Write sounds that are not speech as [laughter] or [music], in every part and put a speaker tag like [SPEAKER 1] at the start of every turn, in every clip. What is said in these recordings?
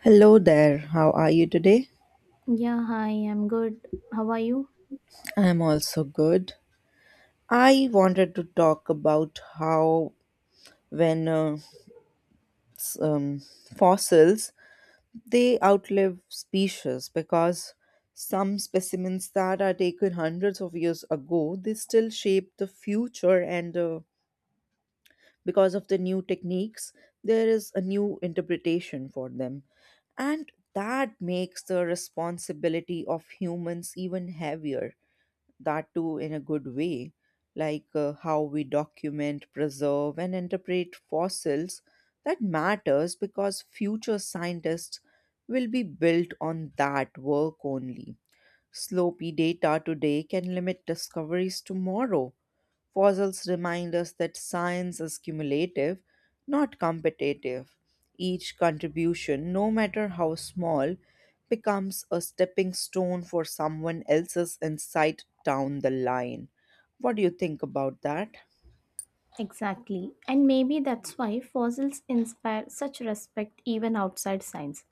[SPEAKER 1] Hello there, how are you today?
[SPEAKER 2] Yeah, hi, I'm good. How are you?
[SPEAKER 1] I'm also good. I wanted to talk about how when s- um, fossils they outlive species because some specimens that are taken hundreds of years ago they still shape the future. And because of the new techniques there is a new interpretation for them, and that makes the responsibility of humans even heavier, that too in a good way, like how we document, preserve, and interpret fossils. That matters because future scientists will be built on that work only. Sloppy data today can limit discoveries tomorrow. Fossils remind us that science is cumulative, not competitive. Each contribution, no matter how small, becomes a stepping stone for someone else's insight down the line. What do you think about that?
[SPEAKER 2] Exactly. And maybe that's why fossils inspire such respect even outside science.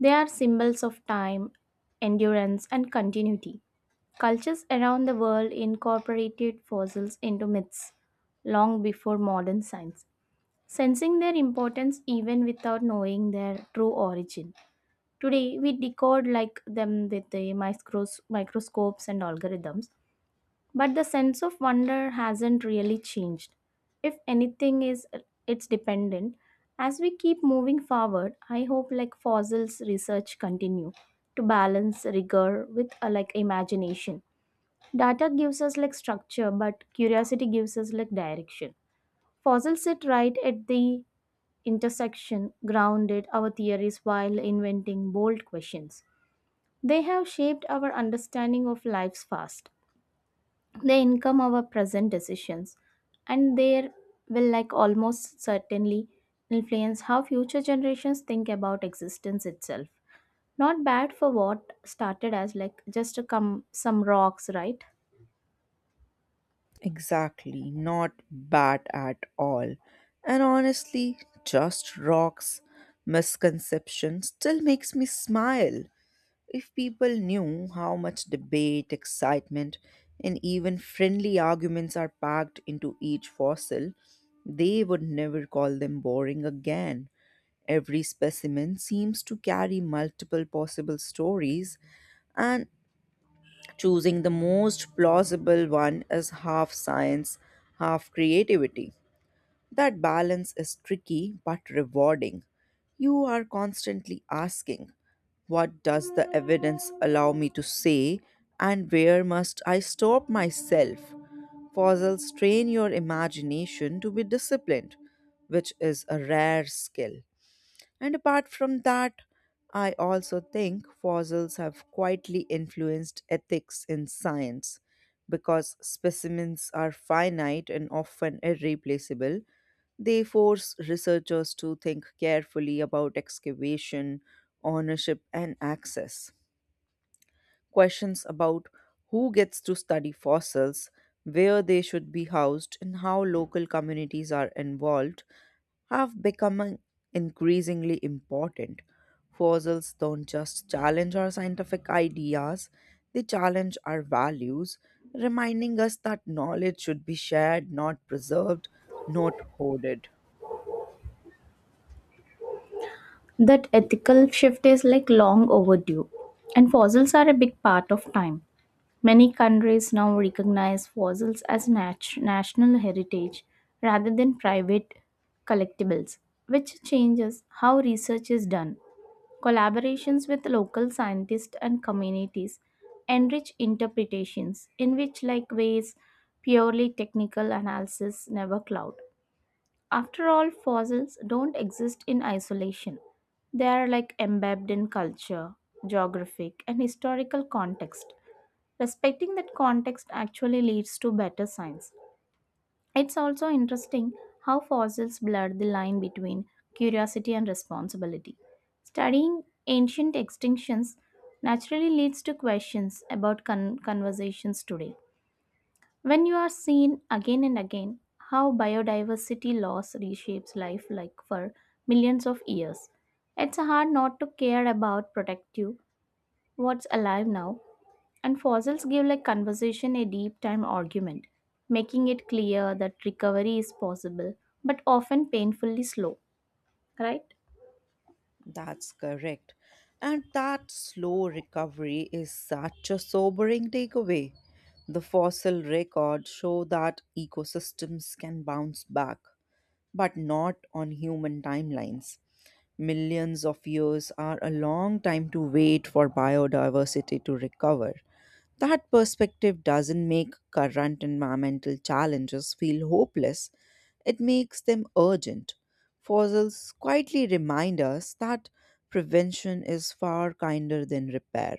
[SPEAKER 2] They are symbols of time, endurance, and continuity. Cultures around the world incorporated fossils into myths long before modern science, sensing their importance even without knowing their true origin. Today, we decode like them with the microscopes and algorithms. But the sense of wonder hasn't really changed. If anything is it's dependent. As we keep moving forward, I hope like fossils research continue to balance rigor with like imagination. Data gives us like structure, but curiosity gives us like direction. Fossils sit right at the intersection, grounded our theories while inventing bold questions. They have shaped our understanding of life's past, they income our present decisions, and they will like almost certainly influence how future generations think about existence itself. Not bad for what started as like just a come some rocks, right?
[SPEAKER 1] Exactly, not bad at all. And honestly, just rocks misconception still makes me smile. If people knew how much debate, excitement, and even friendly arguments are packed into each fossil, they would never call them boring again. Every specimen seems to carry multiple possible stories, and choosing the most plausible one is half science, half creativity. That balance is tricky but rewarding. You are constantly asking, what does the evidence allow me to say? And where must I stop myself? Puzzles train your imagination to be disciplined, which is a rare skill. And apart from that, I also think fossils have quietly influenced ethics in science because specimens are finite and often irreplaceable. They force researchers to think carefully about excavation, ownership, and access. Questions about who gets to study fossils, where they should be housed, and how local communities are involved have become increasingly important. Fossils don't just challenge our scientific ideas, they challenge our values, reminding us that knowledge should be shared, not preserved, not hoarded.
[SPEAKER 2] That ethical shift is like long overdue, and fossils are a big part of time. Many countries now recognize fossils as national heritage rather than private collectibles, which changes how research is done. Collaborations with local scientists and communities enrich interpretations in which like ways purely technical analysis never cloud. After all, fossils don't exist in isolation. They are like embedded in culture, geographic and historical context. Respecting that context actually leads to better science. It's also interesting how fossils blurred the line between curiosity and responsibility. Studying ancient extinctions naturally leads to questions about conversations today. When you are seen again and again how biodiversity loss reshapes life like for millions of years, it's hard not to care about protective what's alive now, and fossils give like conversation a deep time argument, making it clear that recovery is possible, but often painfully slow, right?
[SPEAKER 1] That's correct. And that slow recovery is such a sobering takeaway. The fossil records show that ecosystems can bounce back, but not on human timelines. Millions of years are a long time to wait for biodiversity to recover. That perspective doesn't make current environmental challenges feel hopeless, it makes them urgent. Fossils quietly remind us that prevention is far kinder than repair.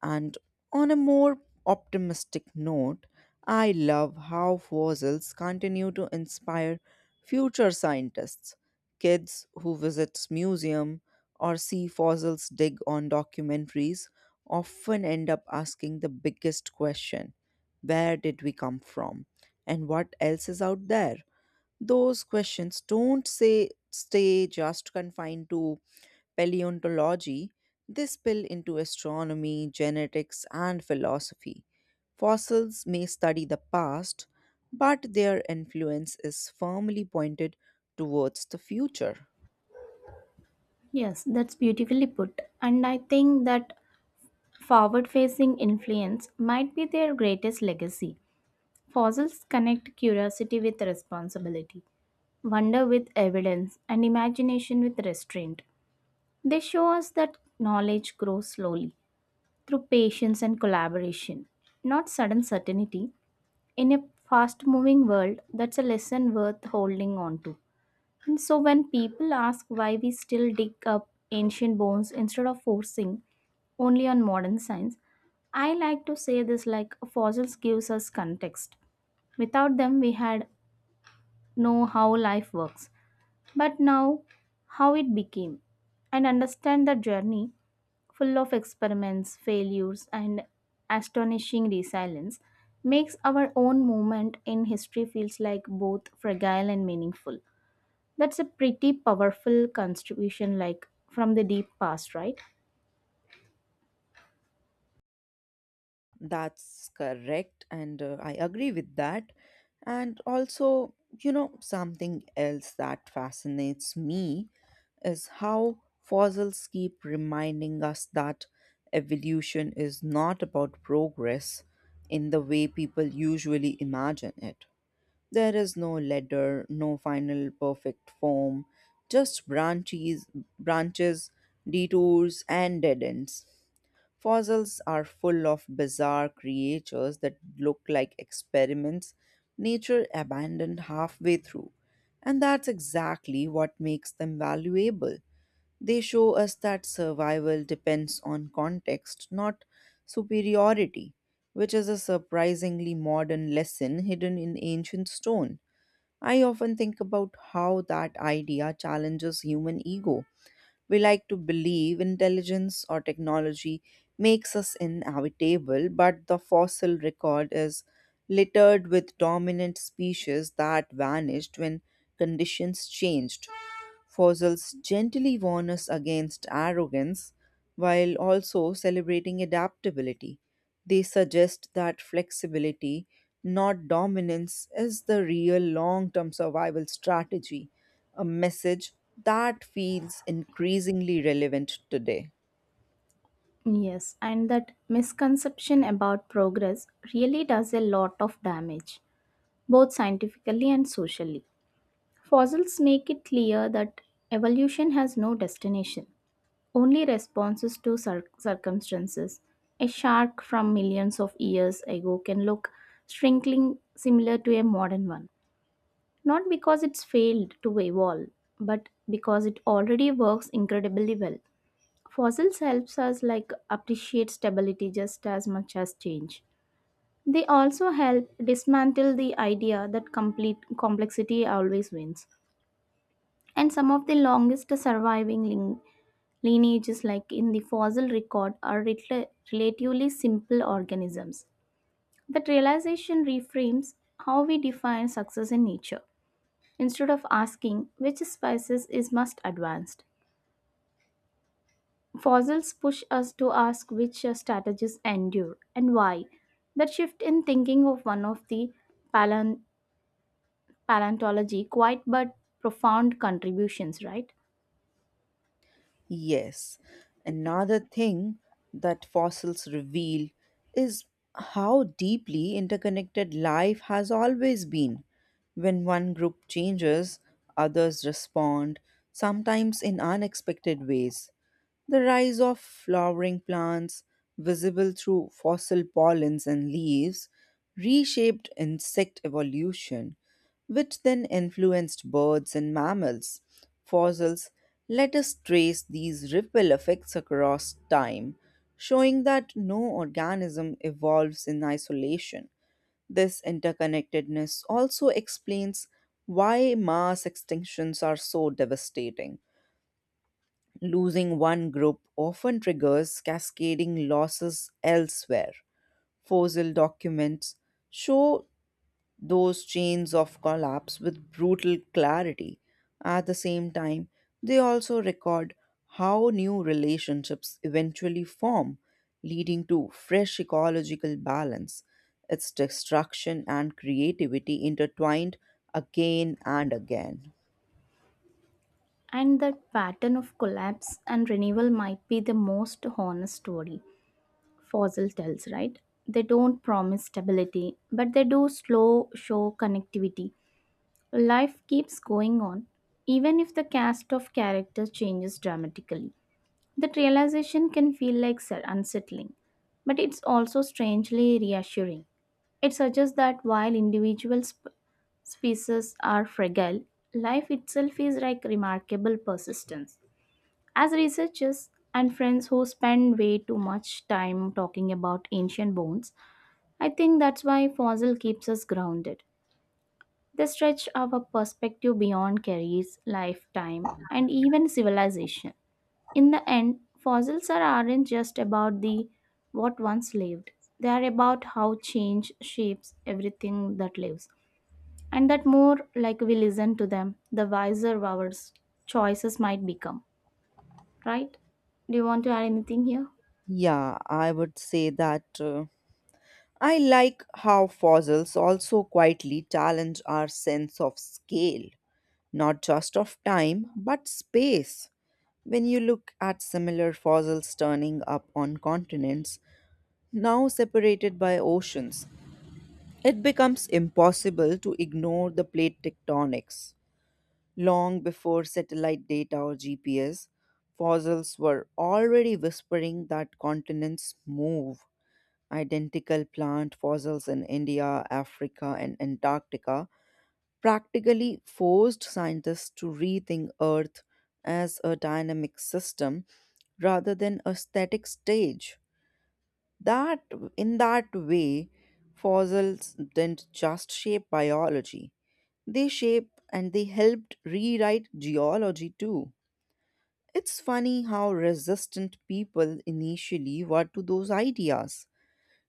[SPEAKER 1] And on a more optimistic note, I love how fossils continue to inspire future scientists. Kids who visit museum or see fossils dig on documentaries often end up asking the biggest question, where did we come from and what else is out there? Those questions don't say stay just confined to paleontology, they spill into astronomy, genetics, and philosophy. Fossils may study the past, but their influence is firmly pointed towards the future.
[SPEAKER 2] Yes, that's beautifully put. And I think that forward facing influence might be their greatest legacy. Fossils connect curiosity with responsibility, wonder with evidence, and imagination with restraint. They show us that knowledge grows slowly through patience and collaboration, not sudden certainty. In a fast moving world, that's a lesson worth holding on to. And so, when people ask why we still dig up ancient bones instead of forcing only on modern science, I like to say this like fossils gives us context. Without them, we had know how life works, but now how it became, and understand the journey full of experiments, failures, and astonishing resilience, makes our own moment in history feels like both fragile and meaningful. That's a pretty powerful contribution, like from the deep past, right?
[SPEAKER 1] That's correct, and I agree with that. And also, you know, something else that fascinates me is how fossils keep reminding us that evolution is not about progress in the way people usually imagine it. There is no ladder, no final perfect form, just branches, branches, detours, and dead ends. Fossils are full of bizarre creatures that look like experiments nature abandoned halfway through. And that's exactly what makes them valuable. They show us that survival depends on context, not superiority, which is a surprisingly modern lesson hidden in ancient stone. I often think about how that idea challenges human ego. We like to believe intelligence or technology makes us inevitable, but the fossil record is littered with dominant species that vanished when conditions changed. Fossils gently warn us against arrogance while also celebrating adaptability. They suggest that flexibility, not dominance, is the real long term survival strategy, a message that feels increasingly relevant today.
[SPEAKER 2] Yes, and that misconception about progress really does a lot of damage, both scientifically and socially. Fossils make it clear that evolution has no destination, only responses to circumstances. A shark from millions of years ago can look shrinking similar to a modern one, not because it's failed to evolve, but because it already works incredibly well. Fossils helps us like appreciate stability just as much as change. They also help dismantle the idea that complete complexity always wins. And some of the longest surviving lineages like in the fossil record are relatively simple organisms. That realization reframes how we define success in nature. Instead of asking which species is most advanced, fossils push us to ask which strategies endure and why. That shift in thinking of one of the palan- paleontology quite but profound contributions, right?
[SPEAKER 1] Yes. Another thing that fossils reveal is how deeply interconnected life has always been. When one group changes, others respond, sometimes in unexpected ways. The rise of flowering plants, visible through fossil pollens and leaves, reshaped insect evolution, which then influenced birds and mammals. Fossils let us trace these ripple effects across time, showing that no organism evolves in isolation. This interconnectedness also explains why mass extinctions are so devastating. Losing one group often triggers cascading losses elsewhere. Fossil documents show those chains of collapse with brutal clarity. At the same time, they also record how new relationships eventually form, leading to fresh ecological balance. Its destruction and creativity intertwined again and again.
[SPEAKER 2] And that pattern of collapse and renewal might be the most honest story Fossil tells, right? They don't promise stability, but they do slow show connectivity. Life keeps going on, even if the cast of characters changes dramatically. That realization can feel like sir unsettling, but it's also strangely reassuring. It suggests that while individual species are fragile, life itself is like remarkable persistence. As researchers and friends who spend way too much time talking about ancient bones, I think that's why fossil keeps us grounded. They stretch our perspective beyond careers, lifetime, and even civilization. In the end, fossils are, aren't just about the what once lived. They are about how change shapes everything that lives. And that more like we listen to them, the wiser our choices might become. Right? Do you want to add anything here?
[SPEAKER 1] Yeah, I would say that. I like how fossils also quietly challenge our sense of scale, not just of time, but space. When you look at similar fossils turning up on continents, now separated by oceans, it becomes impossible to ignore the plate tectonics. Long before satellite data or GPS, fossils were already whispering that continents move. Identical plant fossils in India, Africa, and Antarctica practically forced scientists to rethink Earth as a dynamic system rather than a static stage. That in that way, fossils didn't just shape biology. They shape and they helped rewrite geology too. It's funny how resistant people initially were to those ideas.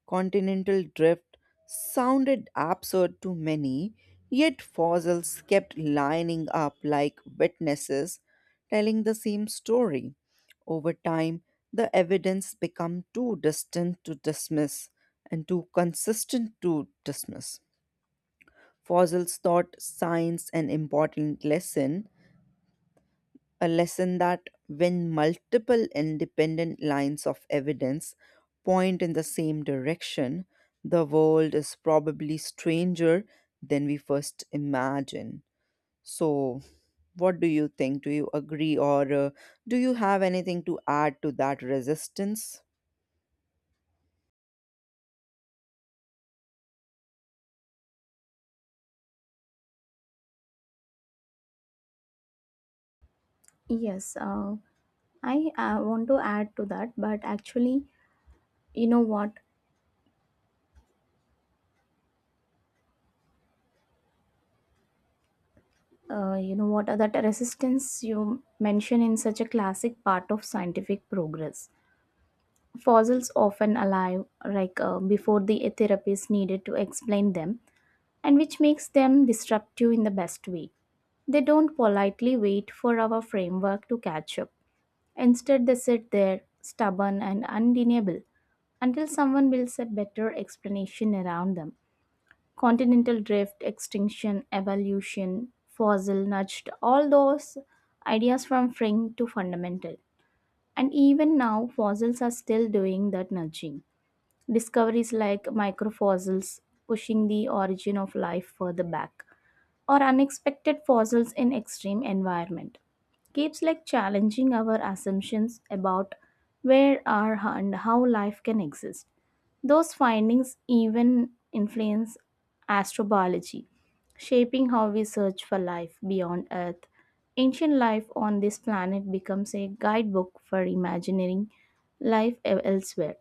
[SPEAKER 1] Continental drift sounded absurd to many, yet fossils kept lining up like witnesses telling the same story. Over time, the evidence became too distant to dismiss and too consistent to dismiss. Fossils taught science an important lesson, a lesson that when multiple independent lines of evidence point in the same direction, the world is probably stranger than we first imagine. So, what do you think? Do you agree, or do you have anything to add to that resistance?
[SPEAKER 2] Yes, I want to add to that, but actually, you know what, that resistance you mention in such a classic part of scientific progress. Fossils often alive, like before the E therapies needed to explain them, and which makes them disruptive in the best way. They don't politely wait for our framework to catch up. Instead, they sit there, stubborn and undeniable, until someone builds a better explanation around them. Continental drift, extinction, evolution, fossil nudged all those ideas from fringe to fundamental. And even now, fossils are still doing that nudging. Discoveries like microfossils pushing the origin of life further back or unexpected fossils in extreme environment keeps like challenging our assumptions about where are and how life can exist. Those findings even influence astrobiology, shaping how we search for life beyond earth. Ancient life on this planet becomes a guidebook for imagining life elsewhere.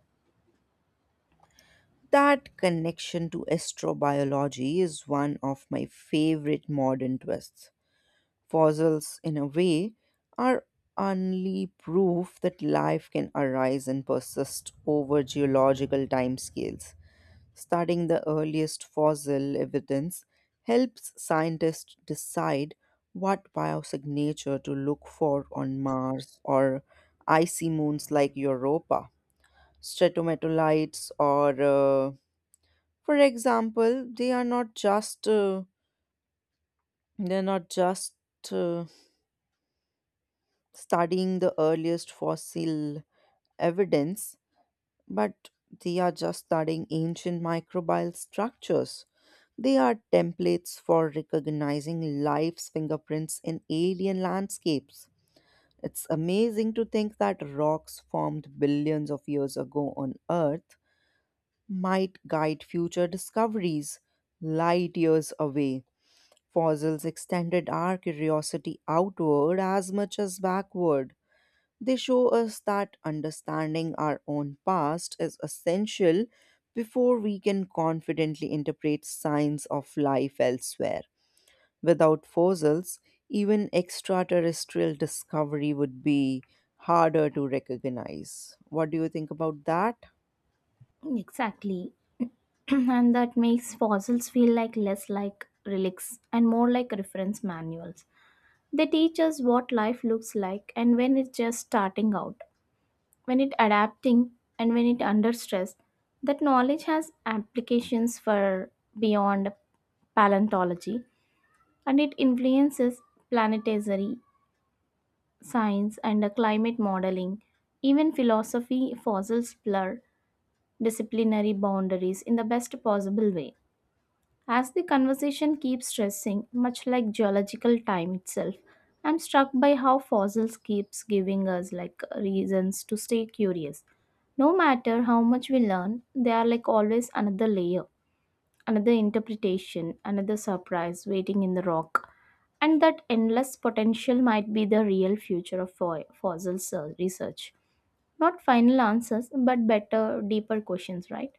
[SPEAKER 1] That connection to astrobiology is one of my favorite modern twists. Fossils, in a way, are only proof that life can arise and persist over geological timescales. Studying the earliest fossil evidence helps scientists decide what biosignature to look for on Mars or icy moons like Europa. Stratometalites, or for example, they are not just they're not just uh, studying the earliest fossil evidence, but they are just studying ancient microbial structures. They are templates for recognizing life's fingerprints in alien landscapes. It's amazing to think that rocks formed billions of years ago on Earth might guide future discoveries light years away. Fossils extended our curiosity outward as much as backward. They show us that understanding our own past is essential before we can confidently interpret signs of life elsewhere. Without fossils, even extraterrestrial discovery would be harder to recognize. What do you think about that?
[SPEAKER 2] Exactly. [clears throat] And that makes fossils feel like less like relics and more like reference manuals. They teach us what life looks like and when it's just starting out, when it adapting, and when it under stress. That knowledge has applications for beyond paleontology, and it influences planetary science and climate modeling, even philosophy. Fossils blur disciplinary boundaries in the best possible way. As the conversation keeps stressing, much like geological time itself, I'm struck by how fossils keeps giving us like reasons to stay curious. No matter how much we learn, there are like always another layer, another interpretation, another surprise waiting in the rock. And that endless potential might be the real future of fossil research. Not final answers, but better, deeper questions, right?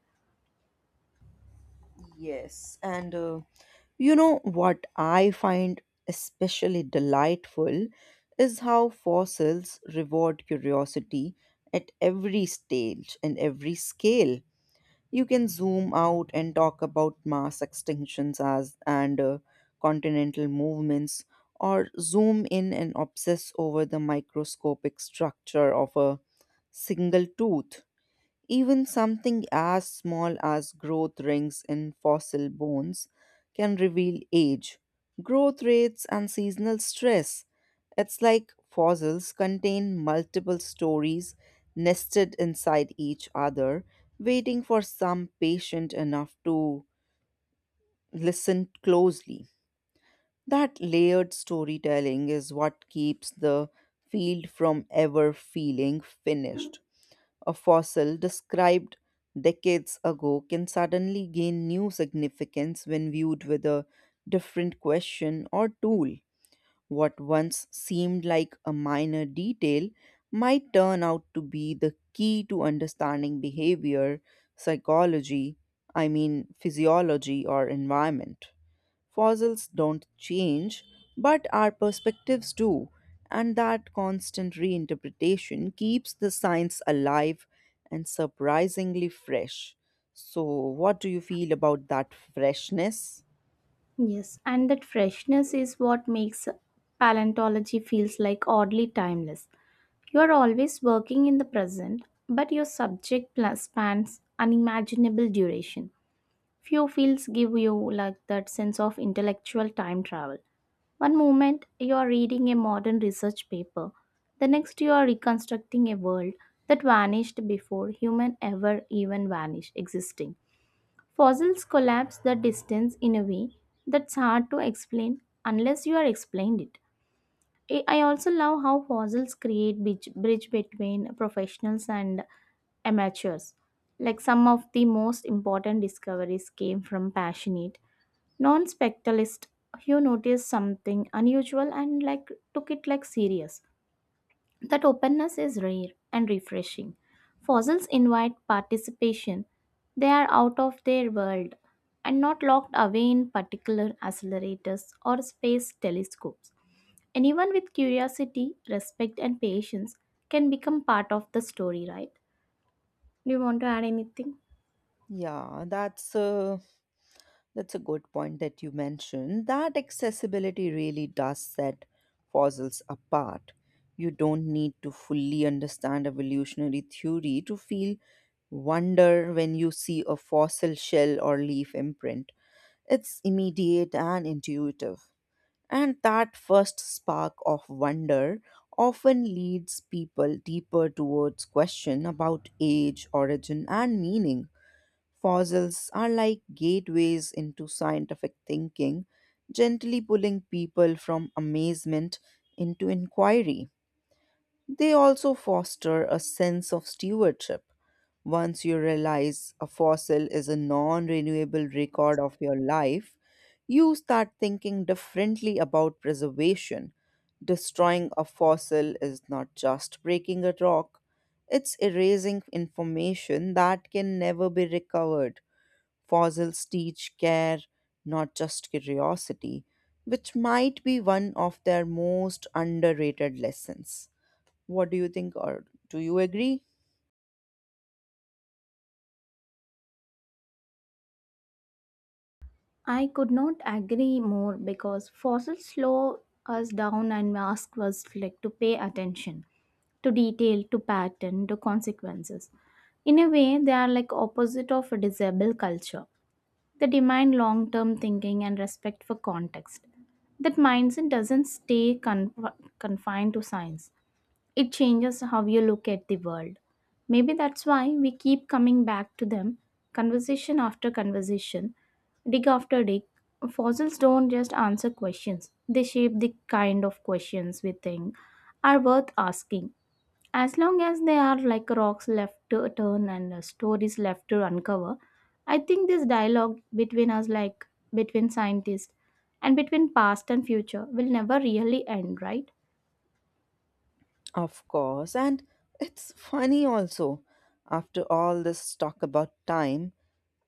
[SPEAKER 1] Yes, and you know what I find especially delightful is how fossils reward curiosity at every stage and every scale. You can zoom out and talk about mass extinctions as and continental movements, or zoom in and obsess over the microscopic structure of a single tooth. Even something as small as growth rings in fossil bones can reveal age, growth rates, and seasonal stress. It's like fossils contain multiple stories nested inside each other, waiting for some patient enough to listen closely. That layered storytelling is what keeps the field from ever feeling finished. A fossil described decades ago can suddenly gain new significance when viewed with a different question or tool. What once seemed like a minor detail might turn out to be the key to understanding behavior, psychology, I mean physiology, or environment. Fossils don't change, but our perspectives do, and that constant reinterpretation keeps the science alive and surprisingly fresh. So, what do you feel about that freshness?
[SPEAKER 2] Yes, and that freshness is what makes paleontology feels like oddly timeless. You are always working in the present, but your subject spans unimaginable duration. Few fields give you like that sense of intellectual time travel. One moment you are reading a modern research paper, the next you are reconstructing a world that vanished before human ever even vanished existing. Fossils collapse the distance in a way that's hard to explain unless you are explained it. I also love how fossils create bridge between professionals and amateurs. Like some of the most important discoveries came from passionate, non-spectacleist who noticed something unusual and like took it like serious. That openness is rare and refreshing. Fossils invite participation. They are out of their world and not locked away in particular accelerators or space telescopes. Anyone with curiosity, respect, and patience can become part of the story, right? Do you want to add anything?
[SPEAKER 1] Yeah, that's a good point that you mentioned. That accessibility really does set fossils apart. You don't need to fully understand evolutionary theory to feel wonder when you see a fossil shell or leaf imprint. It's immediate and intuitive. And that first spark of wonder often leads people deeper towards question about age, origin, and meaning. Fossils are like gateways into scientific thinking, gently pulling people from amazement into inquiry. They also foster a sense of stewardship. Once you realize a fossil is a non renewable record of your life, you start thinking differently about preservation. Destroying a fossil is not just breaking a rock, it's erasing information that can never be recovered. Fossils teach care, not just curiosity, which might be one of their most underrated lessons. What do you think, or do you agree?
[SPEAKER 2] I could not agree more because fossils slow us down and ask us like to pay attention to detail, to pattern, to consequences. In a way, they are like opposite of a disable culture. They demand long-term thinking and respect for context. That mindset doesn't stay confined to science. It changes how you look at the world. Maybe that's why we keep coming back to them, conversation after conversation, dig after dig. Fossils don't just answer questions, they shape the kind of questions we think are worth asking. As long as they are like rocks left to turn and stories left to uncover, I think this dialogue between us, like between scientists and between past and future, will never really end, right?
[SPEAKER 1] Of course, and it's funny also. After all this talk about time,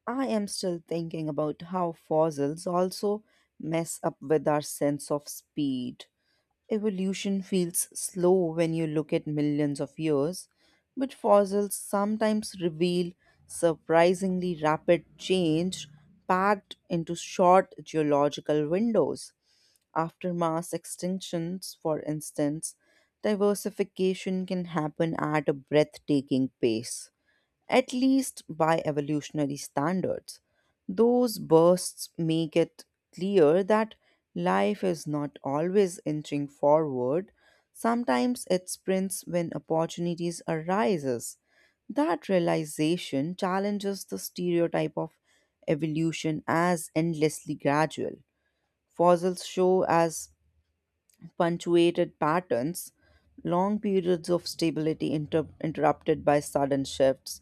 [SPEAKER 1] I am still thinking about how fossils also mess up with our sense of speed. Evolution feels slow when you look at millions of years, but fossils sometimes reveal surprisingly rapid change packed into short geological windows. After mass extinctions, for instance, diversification can happen at a breathtaking pace, at least by evolutionary standards. Those bursts make it clear that life is not always inching forward. Sometimes it sprints when opportunities arises. That realization challenges the stereotype of evolution as endlessly gradual. Fossils show as punctuated patterns, long periods of stability interrupted by sudden shifts.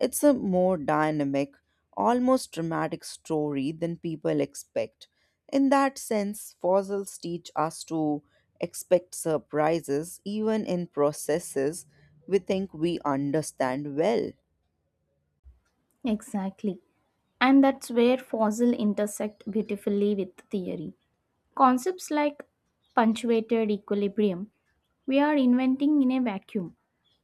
[SPEAKER 1] It's a more dynamic, almost dramatic story than people expect. In that sense, fossils teach us to expect surprises even in processes we think we understand well.
[SPEAKER 2] Exactly. And that's where fossil intersect beautifully with theory. Concepts like punctuated equilibrium, we are inventing in a vacuum.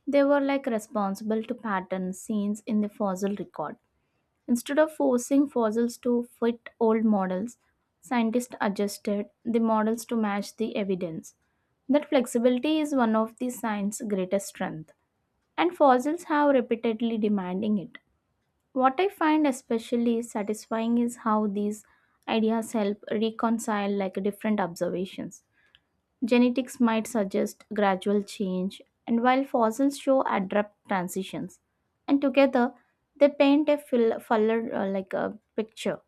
[SPEAKER 2] They were like responsible to patterns scenes in the fossil record. Instead of forcing fossils to fit old models, scientists adjusted the models to match the evidence. That flexibility is one of the science's greatest strength, and fossils have repeatedly demanding it. What I find especially satisfying is how these ideas help reconcile like different observations. Genetics might suggest gradual change and while fossils show abrupt transitions, and together they paint a full, fuller like a picture.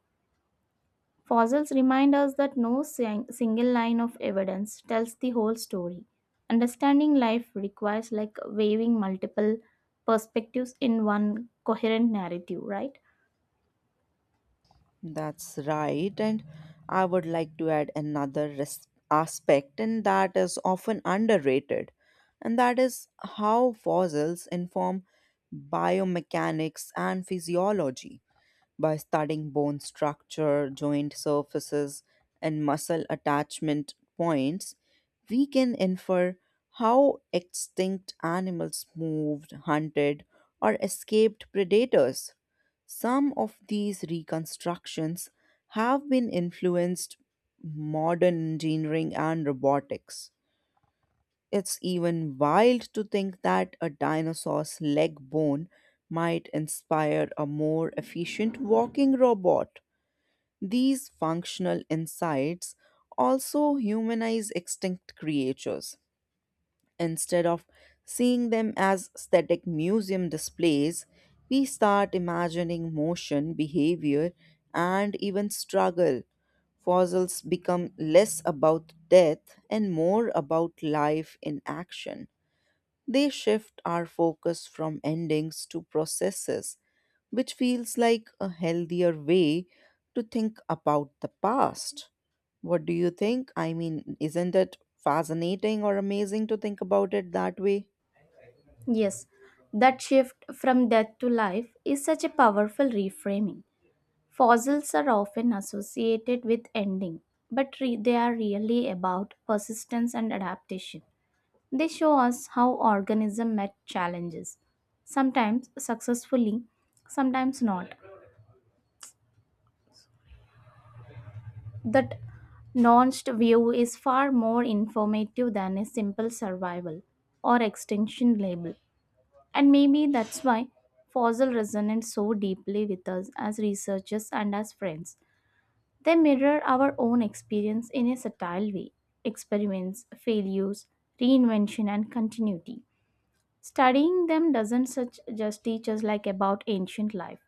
[SPEAKER 2] Fossils remind us that no single line of evidence tells the whole story. Understanding life requires like weaving multiple perspectives in one coherent narrative, right?
[SPEAKER 1] That's right, and I would like to add another res- aspect, and that is often underrated, and that is how fossils inform biomechanics and physiology. By studying bone structure, joint surfaces, and muscle attachment points, we can infer how extinct animals moved, hunted, or escaped predators. Some of these reconstructions have been influenced modern engineering and robotics. It's even wild to think that a dinosaur's leg bone might inspire a more efficient walking robot. These functional insights also humanize extinct creatures. Instead of seeing them as static museum displays, we start imagining motion, behavior, and even struggle. Fossils become less about death and more about life in action. They shift our focus from endings to processes, which feels like a healthier way to think about the past. What do you think? I mean, isn't it fascinating or amazing to think about it that way?
[SPEAKER 2] Yes, that shift from death to life is such a powerful reframing. Fossils are often associated with ending, but they are really about persistence and adaptation. They show us how organism met challenges, sometimes successfully, sometimes not. That nuanced view is far more informative than a simple survival or extinction label. And maybe that's why fossil resonate so deeply with us as researchers and as friends. They mirror our own experience in a subtle way experiments, failures, reinvention, and continuity. Studying them doesn't such just teach us like about ancient life.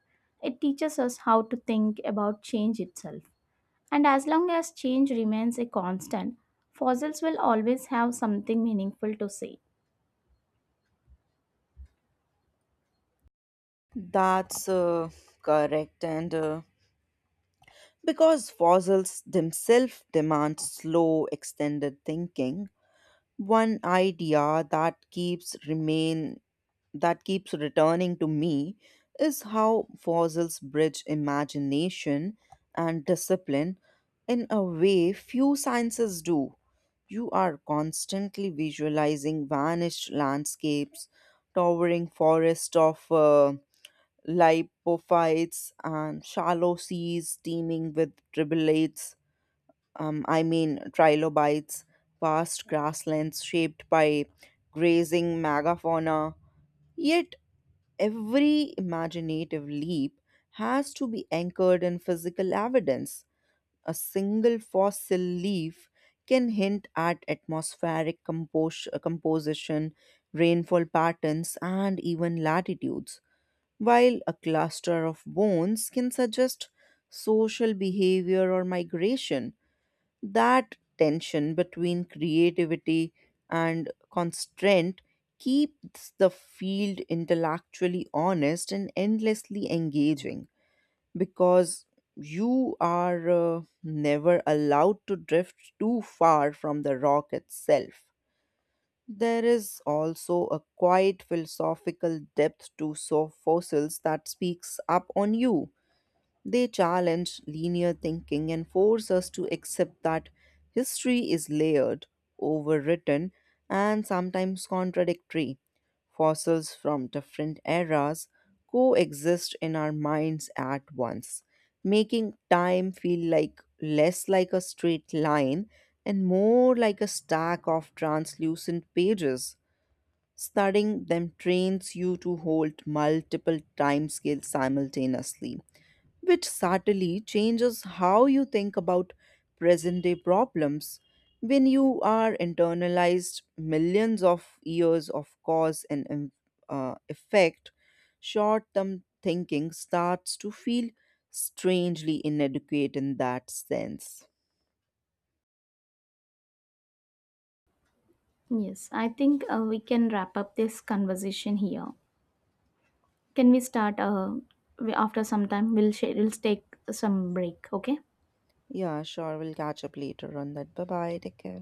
[SPEAKER 2] It teaches us how to think about change itself. And as long as change remains a constant, fossils will always have something meaningful to say.
[SPEAKER 1] That's correct. And because fossils themselves demand slow, extended thinking, one idea that keeps remain that keeps returning to me is how fossils bridge imagination and discipline in a way few sciences do. You are constantly visualizing vanished landscapes, towering forests of lipophytes, and shallow seas teeming with tribullates I mean trilobites, vast grasslands shaped by grazing megafauna. Yet every imaginative leap has to be anchored in physical evidence. A single fossil leaf can hint at atmospheric composition, rainfall patterns, and even latitudes, while a cluster of bones can suggest social behavior or migration. That tension between creativity and constraint keeps the field intellectually honest and endlessly engaging because you are never allowed to drift too far from the rock itself. There is also a quiet philosophical depth to so fossils that speaks up on you. They challenge linear thinking and force us to accept that history is layered, overwritten, and sometimes contradictory. Fossils from different eras coexist in our minds at once, making time feel like less like a straight line and more like a stack of translucent pages. Studying them trains you to hold multiple timescales simultaneously, which subtly changes how you think about present day problems. When you are internalized millions of years of cause and effect, short term thinking starts to feel strangely inadequate in that sense.
[SPEAKER 2] Yes, I think we can wrap up this conversation here. Can we start after some time? We'll share, we'll take some break. Okay.
[SPEAKER 1] Yeah, sure, we'll catch up later on that. Bye bye, take care.